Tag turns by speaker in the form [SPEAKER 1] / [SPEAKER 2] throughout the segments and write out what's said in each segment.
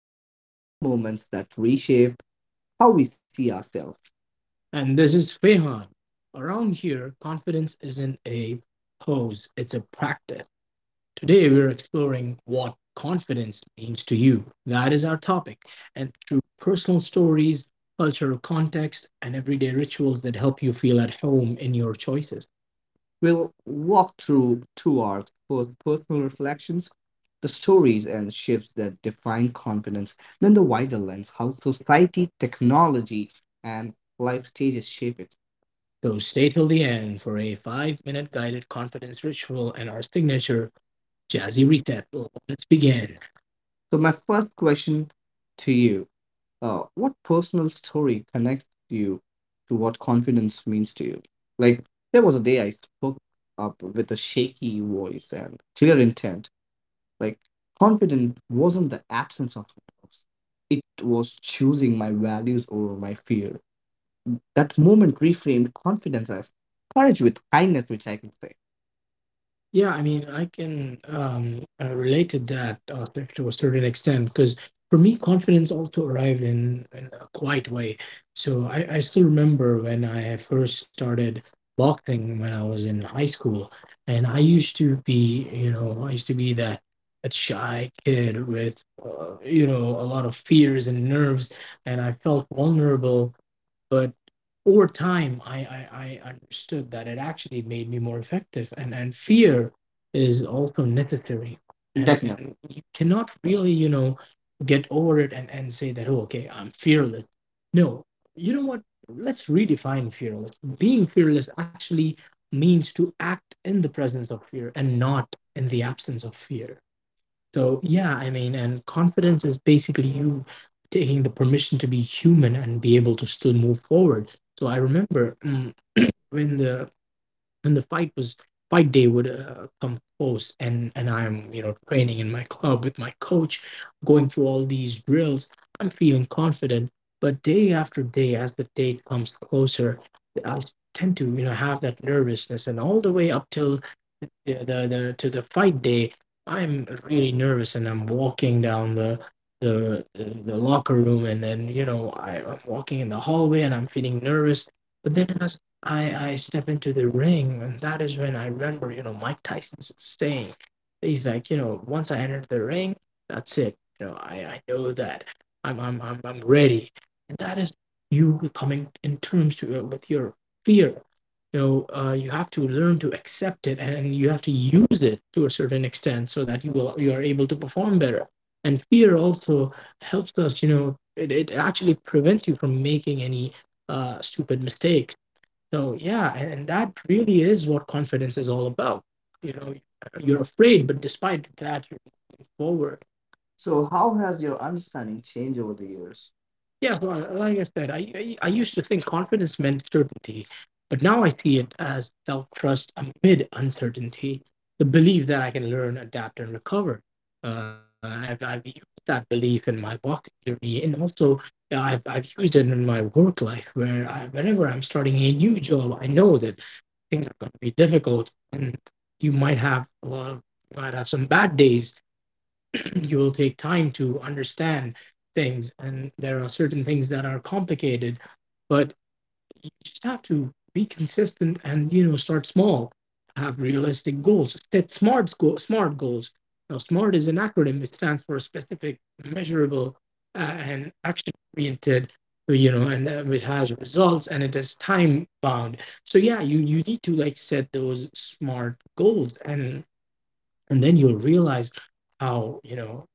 [SPEAKER 1] Guide to the small moments that reshape how we see ourselves. And Ahmad. All right, for exploring what confidence means to you, that topic, and through stories, cultural context, and everyday rituals that help you feel at home in your choices. We'll walk through two arcs first, personal reflections, the stories and shifts that define confidence, then the wider lens, how society, technology, and life stages shape it. So stay till the end for a 5 minute guided confidence ritual and our signature jazzy reset. Let's begin. So, my first question to you, what personal story connects you to what confidence means to you? Like, there was a day I spoke up with a shaky voice and clear intent. Like, confidence wasn't the absence of doubts; it was choosing my values over my fear. That moment reframed confidence as courage with kindness, which I can say. Yeah, I mean, I can relate to that to a certain extent because for me, confidence also arrived in a quiet way. So I still remember when I first started boxing when I was in high school, and I used to be, you know, I used to be that shy kid with, you know, a lot of fears and nerves, and I felt vulnerable but over time I understood that it actually made me more effective, and fear is also necessary. And, definitely. You cannot really, you know, get over it and say that, oh, okay, I'm fearless. No. You know what, let's redefine fearless. Being fearless actually means to act in the presence of fear and not in the absence of fear. So yeah, I mean, and confidence is basically you taking the permission to be human and be able to still move forward. So I remember, when the when the fight day would come close, and I'm, you know, training in my club with my coach, going through all these drills. I'm feeling confident, but day after day, as the date comes closer, tend to, you know, have that nervousness, and all the way up till the to the fight day, I'm really nervous and I'm walking down the locker room and then, you know, I'm walking in the hallway and I'm feeling nervous. But then as I step into the ring, and that is when I remember, you know, Mike Tyson's saying. He's like, you know, once I enter the ring, that's it. You know, I know that I'm ready, and that is you coming in terms to with your fear. You know, you have to learn to accept it and you have to use it to a certain extent so that you will you are able to perform better. And fear also helps us, you know, it actually prevents you from making any stupid mistakes. So yeah, and that really is what confidence is all about. You know, you're afraid but despite that you move forward. So how has your understanding changed over the years? Yeah, so like I said, I used to think confidence meant certainty, but now I see it as self trust amid uncertainty, the belief that I can learn, adapt, and recover. And I've used that belief in my boxing journey, and also I've used it in my work life, where whenever I'm starting a new job, I know that things are going to be difficult, and you might have a lot of you might have some bad days, you will take time to understand things and there are certain things that are complicated, but you just have to be consistent and, you know, start small. Have realistic goals, set smart smart goals. Now smart is an acronym. It stands for specific, measurable, and action oriented, you know, and it has results and it is time bound. So yeah, you need to, like, set those smart goals, and then you'll realize how, you know,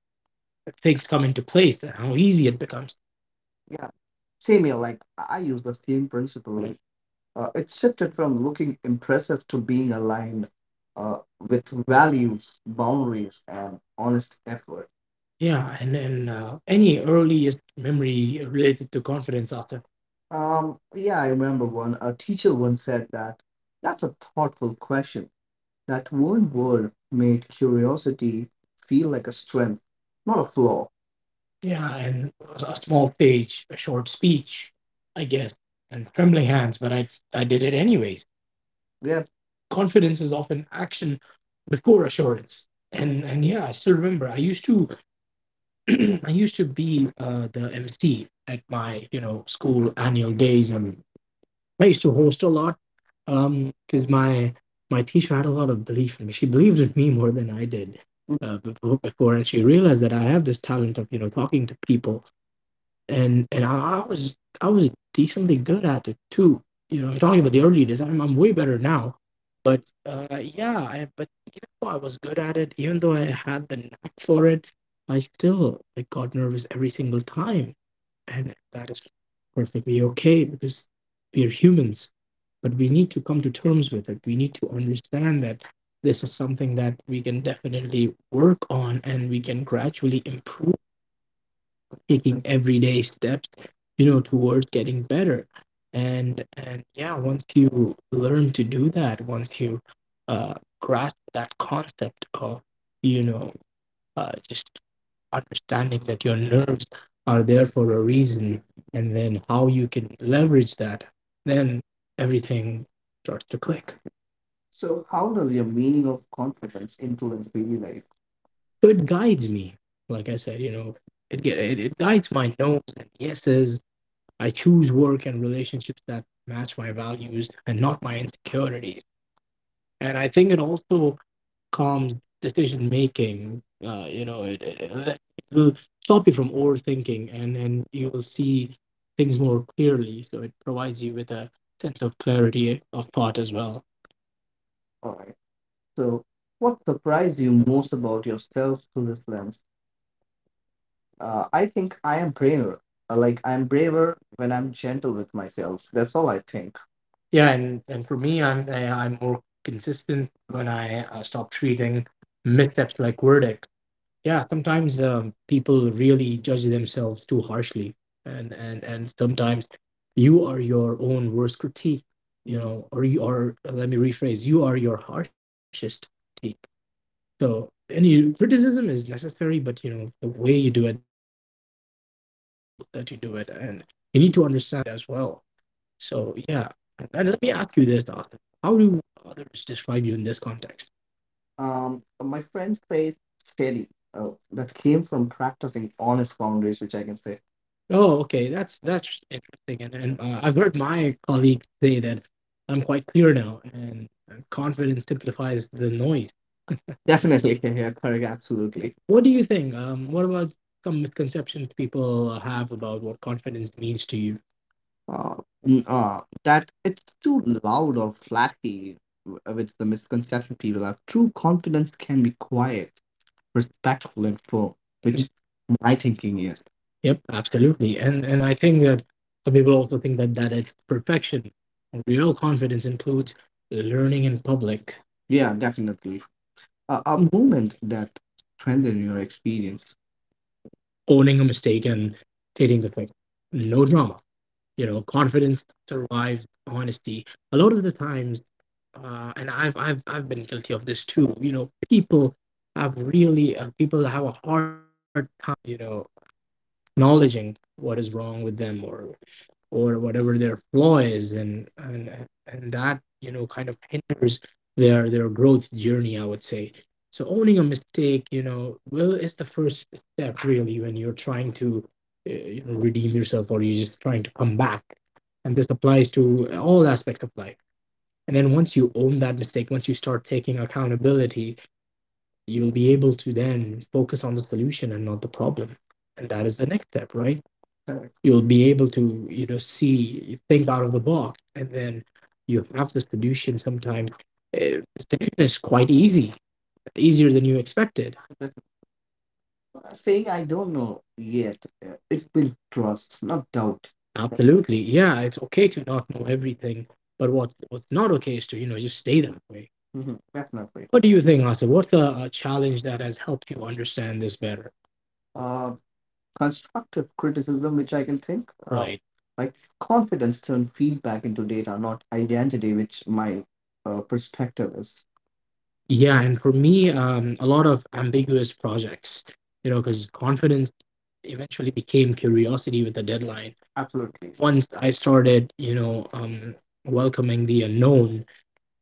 [SPEAKER 1] things come into place and how easy it becomes. Yeah, same here. Like I use the same principle. Like it shifted from looking impressive to being aligned with values, boundaries, and honest effort. Yeah, and then any earliest memory related to confidence after. Yeah, I remember one. A teacher once said that, that's a thoughtful question. That one word made curiosity feel like a strength, not a flaw. Yeah, and a small stage, a short speech, I guess, and trembling hands, but I did it anyways. Yeah. Confidence is often action before assurance. And yeah, I still remember I used to I used to be the MC at my, you know, school annual days, and I used to host a lot, um, because my teacher had a lot of belief in me. She believed in me more than I did before, and she realized that I have this talent of, you know, talking to people, and I was decently good at it too. You know, I'm talking about the early days. I'm way better now. But yeah, but even though I was good at it, even though I had the knack for it, I still, like, got nervous every single time, and that is perfectly okay because we are humans. But we need to come to terms with it. We need to understand that this is something that we can definitely work on, and we can gradually improve taking everyday steps, you know, towards getting better. And yeah, once you learn to do that, once you uh, grasp that concept of you know just understanding that your nerves are there for a reason, and then how you can leverage that, then everything starts to click. So, how does your meaning of confidence influence daily life? So it guides me. Like I said, you know, it guides my no's and yeses. I choose work and relationships that match my values and not my insecurities. And I think it also calms decision making. You know, it will stop you from overthinking, and you will see things more clearly. So it provides you with a sense of clarity of thought as well. All right. So, what surprised you most about yourself through this lens? I think I am braver. Like, I'm braver when I'm gentle with myself. That's all, I think. Yeah, and for me, I'm more consistent when I stop treating missteps like verdicts. Yeah, sometimes people really judge themselves too harshly, and sometimes you are your own worst critique. You know, or you are. Let me rephrase. You are your harshest critique. So any criticism is necessary, but, you know, the way you do it, the level that you do it, and you need to understand the context of it as well. So yeah, and let me ask you this, Arthur: how do others describe you in this context? My friend says steady. That came from practicing honest boundaries, which I can say. Oh, okay, that's interesting, and I've heard my colleagues say that I'm quite clear now, and confidence simplifies the noise. Definitely, yeah, yeah, correct, absolutely. What do you think? What about some misconceptions people have about what confidence means to you? Uh, that it's too loud or flashy, which the misconception people have. True confidence can be quiet, respectful, and firm, which my thinking is. Yep, absolutely. And I think that some people also think that it's perfection. Real confidence includes learning in public. Yeah, definitely. A moment that strengthened your experience. Owning a mistake and stating the fact. No drama. You know, confidence survives honesty. A lot of the times, and I've been guilty of this too. You know, people have really people have a hard time. You know, acknowledging what is wrong with them or whatever their flaw is and that kind of hinders their growth journey, I would say. So owning a mistake, well, is the first step, really, when you're trying to redeem yourself or you're just trying to come back, and this applies to all aspects of life. And then once you own that mistake, once you start taking accountability, you'll be able to then focus on the solution and not the problem, and that is the next step, right? You'll be able to see, think out of the box, and then you have the solution. Sometimes the solution is quite easy, easier than you expected. Saying I don't know yet. It will trust, not doubt. Absolutely. Yeah, it's okay to not know everything, but what's not okay is to, just stay that way. Mhm. Definitely. What do you think, Asa? What's a challenge that has helped you understand this better? Uh, Constructive criticism, which I can think, right. Like confidence turned feedback into data, not identity, which my perspective is. Yeah, and for me, a lot of ambiguous projects, you know, because confidence eventually became curiosity with the deadline. Absolutely. Once I started, welcoming the unknown,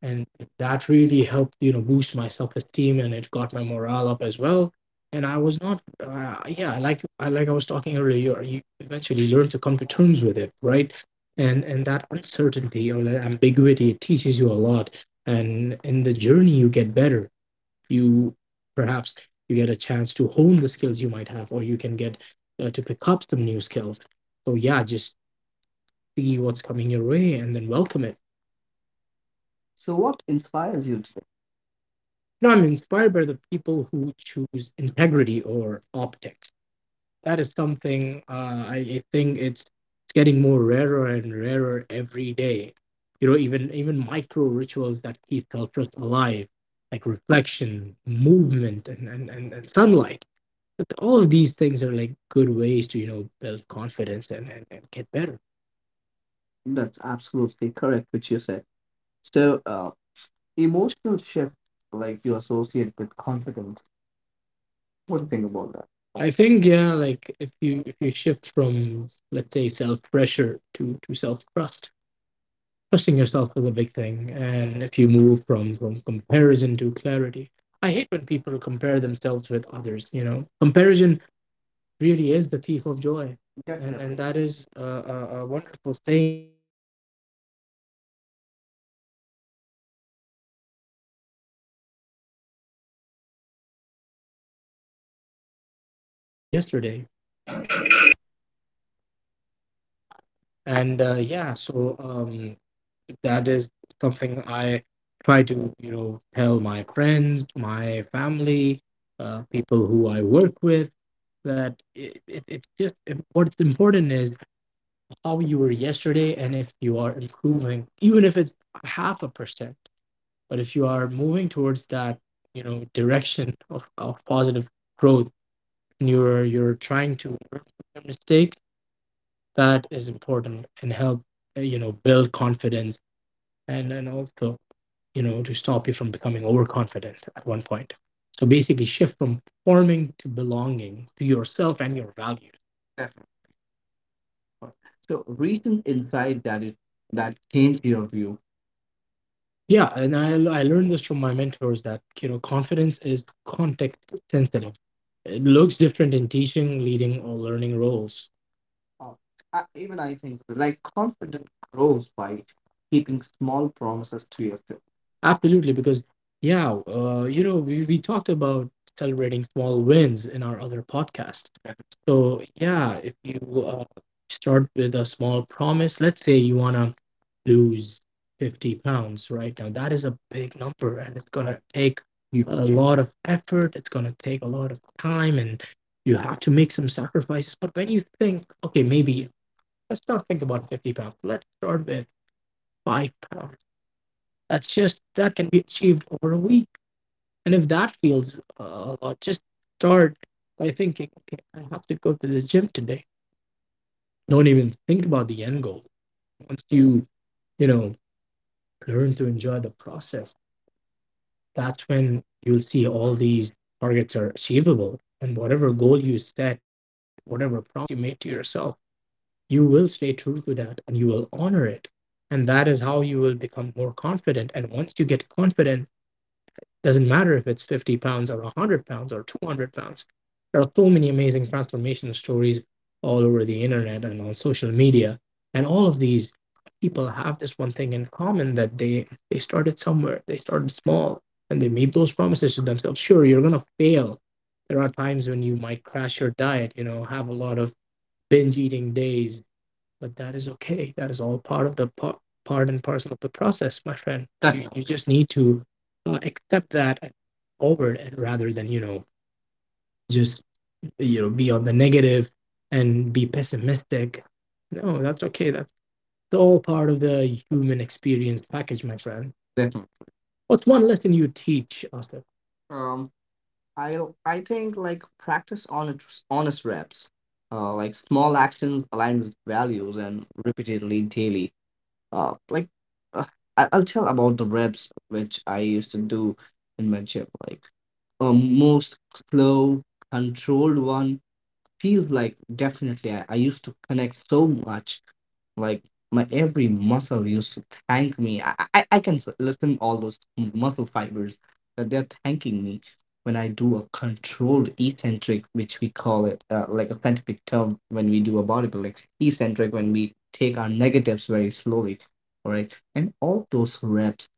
[SPEAKER 1] and that really helped boost my self-esteem, and it got my morale up as well. And I was not yeah, like I was talking earlier, you eventually learn to come to terms with it, right? And that uncertainty or that ambiguity, it teaches you a lot. And in the journey you get better, you perhaps, you get a chance to hone the skills you might have, or you can get to pick up some new skills. So yeah, just see what's coming your way and then welcome it. So, what inspires you today? No, I'm inspired by the people who choose integrity or optics. That is something, I think it's getting more rarer and rarer every day. You know, even micro rituals that keep cultures alive, like reflection, movement, and sunlight. But all of these things are like good ways to build confidence and and get better. That's absolutely correct, which you said. So, emotional shift, like you associate with confidence. What do you think about that? I think yeah, like if you shift from, let's say, self pressure to self trust. Trusting yourself is a big thing. And if you move from comparison to clarity. I hate when people compare themselves with others. You know, comparison really is the thief of joy, and Definitely. And that is a wonderful saying. And the only person you need to compare yourself, the, the only person I think you need to compare yourself is with who you were yesterday. And yeah, so that is something I try to, you know, tell my friends, my family, people who I work with, that it's just what's important is how you were yesterday, and if you are improving, even if it's half a percent, but if you are moving towards that, you know, direction of positive growth, and you're trying to learn from your mistakes, that is important and help build confidence, and also, you know, to stop you from becoming overconfident at one point. So basically shift from forming to belonging to yourself and your values. Definitely. So recent insight that it that changed your view. Yeah, and I learned this from my mentors that you know confidence is context sensitive. It looks different in teaching, leading, or learning roles. uh, I, even I think so. Like confidence grows by keeping small promises to yourself. Absolutely, because yeah, you know, we talked about celebrating small wins in our other podcasts. So yeah, if you start with a small promise, let's say you wanna lose 50 pounds right now, that is a big number, and it's gonna take a Huge. Lot of effort. It's gonna take a lot of time, and you have to make some sacrifices. But when you think, okay, maybe let's not think about 50 pounds. Let's start with 5 pounds. That can be achieved over a week. And if that feels a lot, just start by thinking, okay, I have to go to the gym today. Don't even think about the end goal. Once you, you know, learn to enjoy the process, that's when you'll see all these targets are achievable. And whatever goal you set, whatever promise you made to yourself, you will stay true to that and you will honor it. And that is how you will become more confident. And once you get confident, doesn't matter if it's 50 pounds or 100 pounds or 200 pounds, there are so many amazing transformation stories all over the internet and on social media. And all of these people have this one thing in common, that they started somewhere, they started small, and they made those promises to themselves. Sure, you're going to fail. There are times when you might crash your diet, you know, have a lot of binge eating days, but that is okay. That is all part of the part and parcel of the process, my friend. You just need to accept that and forward, and rather than, you know, just, you know, be on the negative and be pessimistic. No, that's okay. That's all part of the human experience package, my friend. Definitely. What's one lesson you teach, Asta? Um, I I think like practice honest reps, like small actions aligned with values and repeatedly daily, uh like uh, I- I'll tell about the reps which I used to do in my gym, like a most slow controlled one feels like definitely. I used to connect so much. Like my every muscle used to thank me. I can listen all those muscle fibers that they're thanking me when I do a controlled eccentric, which we call it, like, a scientific term when we do a bodybuilding eccentric when we take our negatives very slowly. All right, and all those reps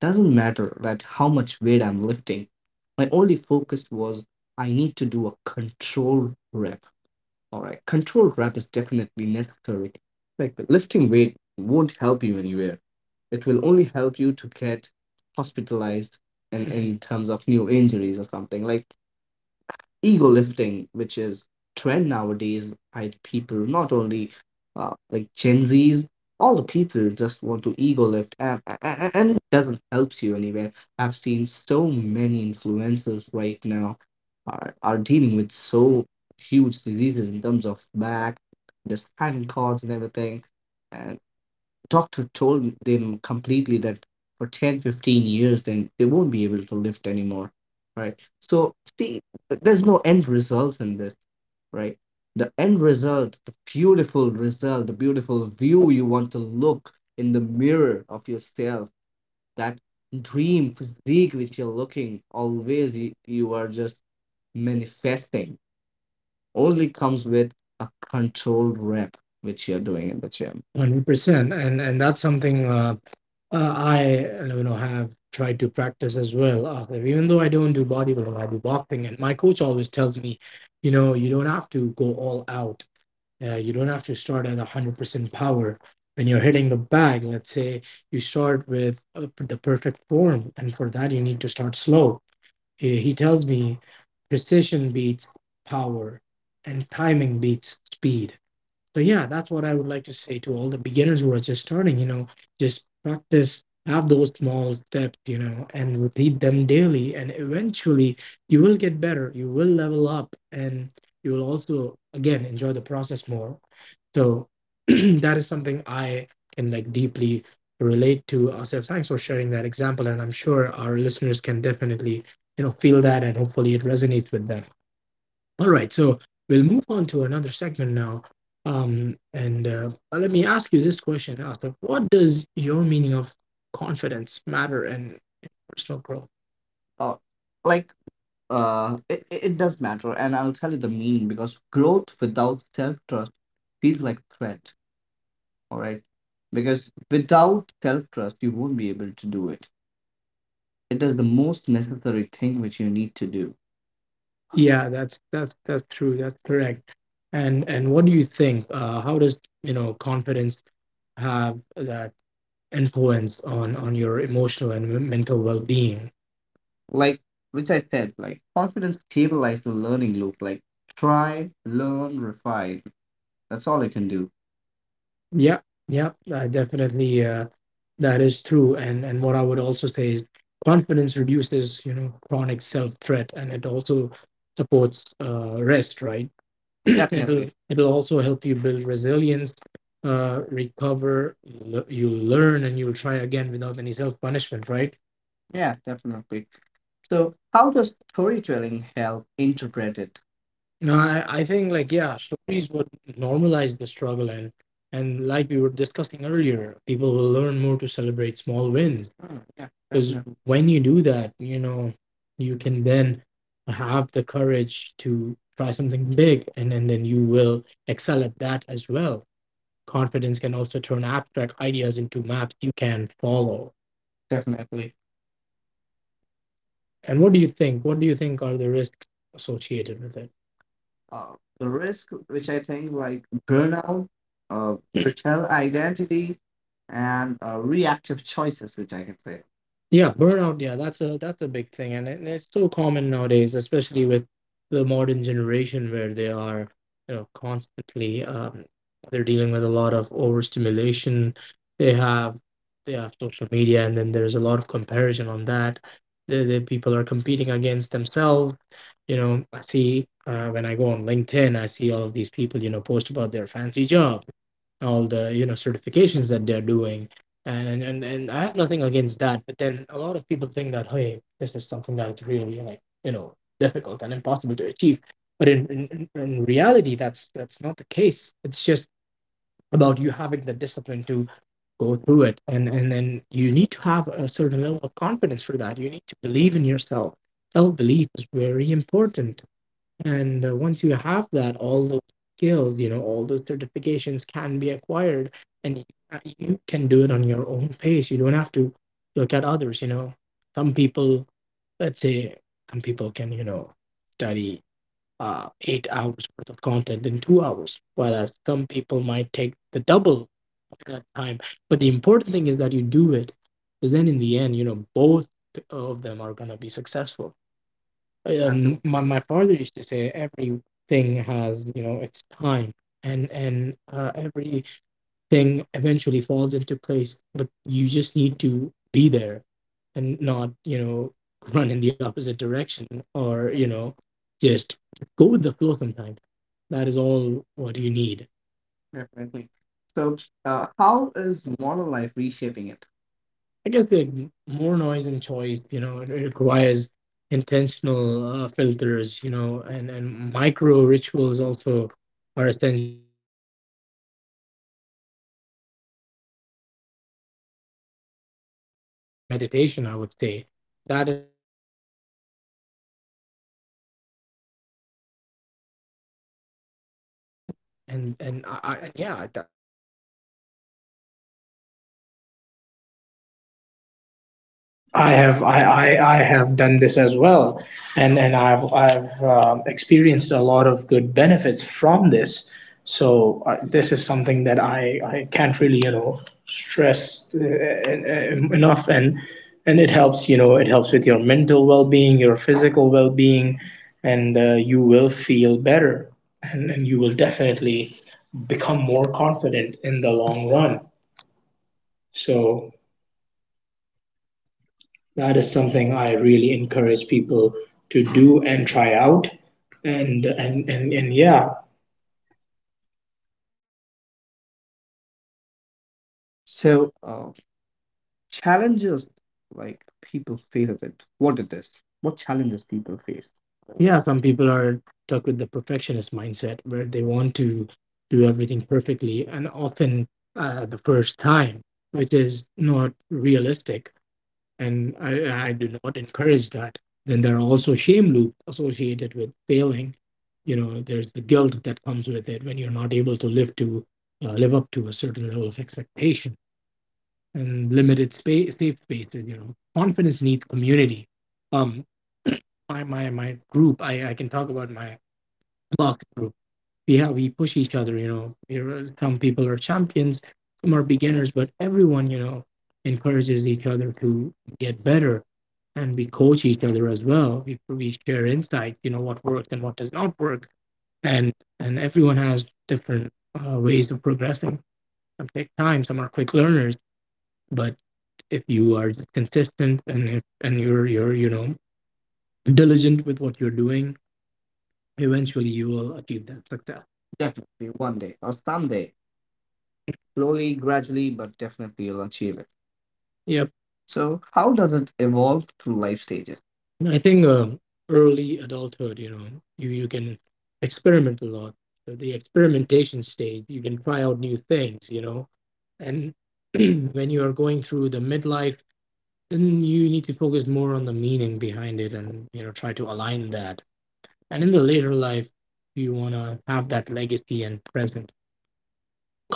[SPEAKER 1] doesn't matter that how much weight I'm lifting. My only focus was I need to do a control rep. All right, controlled rep is definitely necessary. Like lifting weight won't help you anywhere. It will only help you to get hospitalized and in terms of new injuries or something. Like ego lifting, which is trend nowadays by people, not only like Gen Zs, all the people just want to ego lift, and it doesn't help you anywhere. I've seen so many influencers right now are dealing with so huge diseases in terms of back, the spinal cords and everything. And doctor told them completely that for 10, 15 years then they won't be able to lift anymore, right? So, see, there's no end results in this, right? The end result, the beautiful result, the beautiful view you want to look in the mirror of yourself, that dream physique which you're looking always, you are just manifesting, only comes with a controlled rep, which you're doing in the gym. 100%, and that's something I, you know, have tried to practice as well. Like, even though I don't do bodybuilding, I do boxing, and my coach always tells me, you know, you don't have to go all out. You don't have to start at 100% power. When you're hitting the bag, let's say you start with the perfect form, and for that you need to start slow. He tells me precision beats power and timing beats speed. So yeah, that's what I would like to say to all the beginners who are just starting, you know, just practice, have those small steps, you know, and repeat them daily. And eventually you will get better. You will level up and you will also again enjoy the process more. So that is something I can like deeply relate to. So thanks for sharing that example. And I'm sure our listeners can definitely, you know, feel that and hopefully it resonates with them. All right, so we'll move on to another segment now. And let me ask you this question, Asif. What does your meaning of confidence matter in personal growth? uh, like it, it does matter, and I'll tell you the meaning, because growth without self-trust feels like threat. All right, because without self-trust you won't be able to do it. It is the most necessary thing which you need to do. Yeah, that's that's true. That's correct. And what do you think? How does, you know, confidence have that influence on your emotional and mental well-being? Like, which I said, like confidence stabilizes the learning loop. Like try, learn, refine. That's all you can do. Yeah, yeah, definitely. That is true. And what I would also say is confidence reduces, you know, chronic self-threat, and it also supports rest, right? Yeah, it'll also help you build resilience, recover. You learn, and you'll try again without any self punishment, right? Yeah, definitely. So, how does storytelling help interpret it? No, I think like yeah, stories would normalize the struggle, and like we were discussing earlier, people will learn more to celebrate small wins. Mm, yeah. Because definitely, when you do that, you can then have the courage to try something big, and then you will excel at that as well. Confidence can also turn abstract ideas into maps you can follow. Definitely. And what do you think? What do you think are the risks associated with it? uh, the risk, which I think, like burnout, betrayal identity, and reactive choices, which I can say. Yeah, burnout. Yeah, that's a big thing, and it's so common nowadays, especially with the modern generation, where they are, you know, constantly they're dealing with a lot of overstimulation. They have social media, and then there's a lot of comparison on that. The people are competing against themselves. You know, I see when I go on LinkedIn, I see all of these people, you know, post about their fancy job, all the, you know, certifications that they're doing, and I have nothing against that, but then a lot of people think that, hey, this is something that is really, like, you know, difficult and impossible to achieve, but in reality, that's not the case. It's just about you having the discipline to go through it, and then you need to have a certain level of confidence for that. You need to believe in yourself. Self belief is very important, and once you have that, all those skills, you know, all those certifications can be acquired, and you you can do it on your own pace. You don't have to look at others. You know, some people, let's say, some people can, you know, study 8 hours worth of content in 2 hours, whereas some people might take the double of that time. But the important thing is that you do it, because then in the end, you know, both of them are gonna be successful. My father used to say everything has, you know, its time, and everything eventually falls into place, but you just need to be there, and not, you know, run in the opposite direction, or, you know, just go with the flow sometimes. That is all what you need. Definitely. So, how is modern life reshaping it? I guess the more noise and choice, you know, it requires intentional filters, you know, and micro rituals also are essential. We have discussed this before as well, you know, getting sunlight, and, you know, taking a breather, mindfulness meditation. I would say that is something that also kind of takes you away from the noises of the world, and, you know, you are in your own zone. And I yeah, I have.
[SPEAKER 2] I have done this as well, and I've experienced a lot of good benefits from this. So this is something that I can't really stress enough, and it helps, it helps with your mental well being, your physical well being, and you will feel better, and you will definitely become more confident in the long run. So that is something I really encourage people to do and try out. And yeah,
[SPEAKER 1] So, challenges like people face at it. What it is? What challenges people face? Yeah, some people are stuck with the perfectionist mindset, where they want to do everything perfectly, and often the first time, which is not realistic. And I do not encourage that. Then there are also shame loops associated with failing. You know, there's the guilt that comes with it when you're not able to live up to a certain level of expectation, and limited space, safe spaces. You know, confidence needs community. Um, my group, I can talk about my block group. We push each other. You know, some people are champions, some are beginners, but everyone, you know, encourages each other to get better, and we coach each other as well. We share insights. You know what works and what does not work, and everyone has different ways of progressing. Some take time. Some are quick learners, but if you are just consistent, and if and you're you know, diligent with what you're doing, eventually you will achieve that success. Definitely one day or someday, slowly, gradually, but definitely you'll achieve it. Yep. So, how does it evolve through life stages? I think early adulthood, you know, you can experiment a lot. So the experimentation stage, you can try out new things, you know, and when you are going through the midlife, then you need to focus more on the meaning behind it, and, you know, try to align that. And in the later life, you want to have that legacy and presence.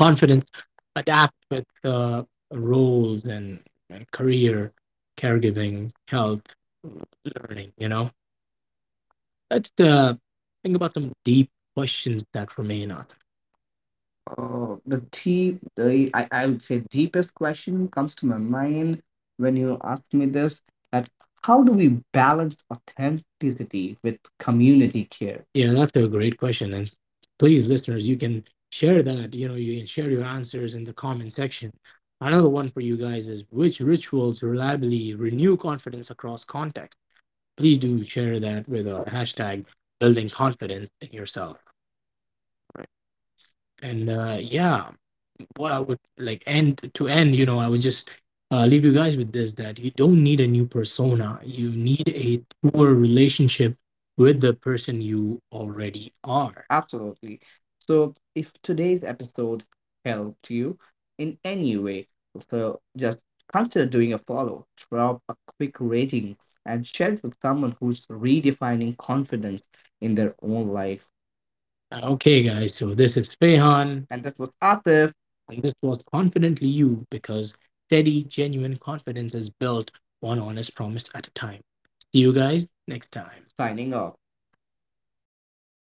[SPEAKER 1] Confidence adapt with roles, and career, caregiving, health, learning, you know. Let's think about some deep questions that remain us. Oh, the deep, the I would say deepest question comes to my mind when you ask me this, that how do we balance authenticity with community care? Yeah, that's a great question. And please, listeners, you can share that. You know, you can share your answers in the comment section. Another one for you guys is, which rituals reliably renew confidence across context? Please do share that with our hashtag building confidence in yourself. And yeah, what I would like end to end, you know, I would just leave you guys with this, that you don't need a new persona. You need a truer relationship with the person you already are. Absolutely. So, if today's episode helped you in any way, so just consider doing a follow, drop a quick rating, and share it with someone who's redefining confidence in their own life. Okay, guys, so this is Fehan, and that was Asif. And this was Confidently You, because steady, genuine confidence is built one honest promise at a time. See you guys next time. Signing off.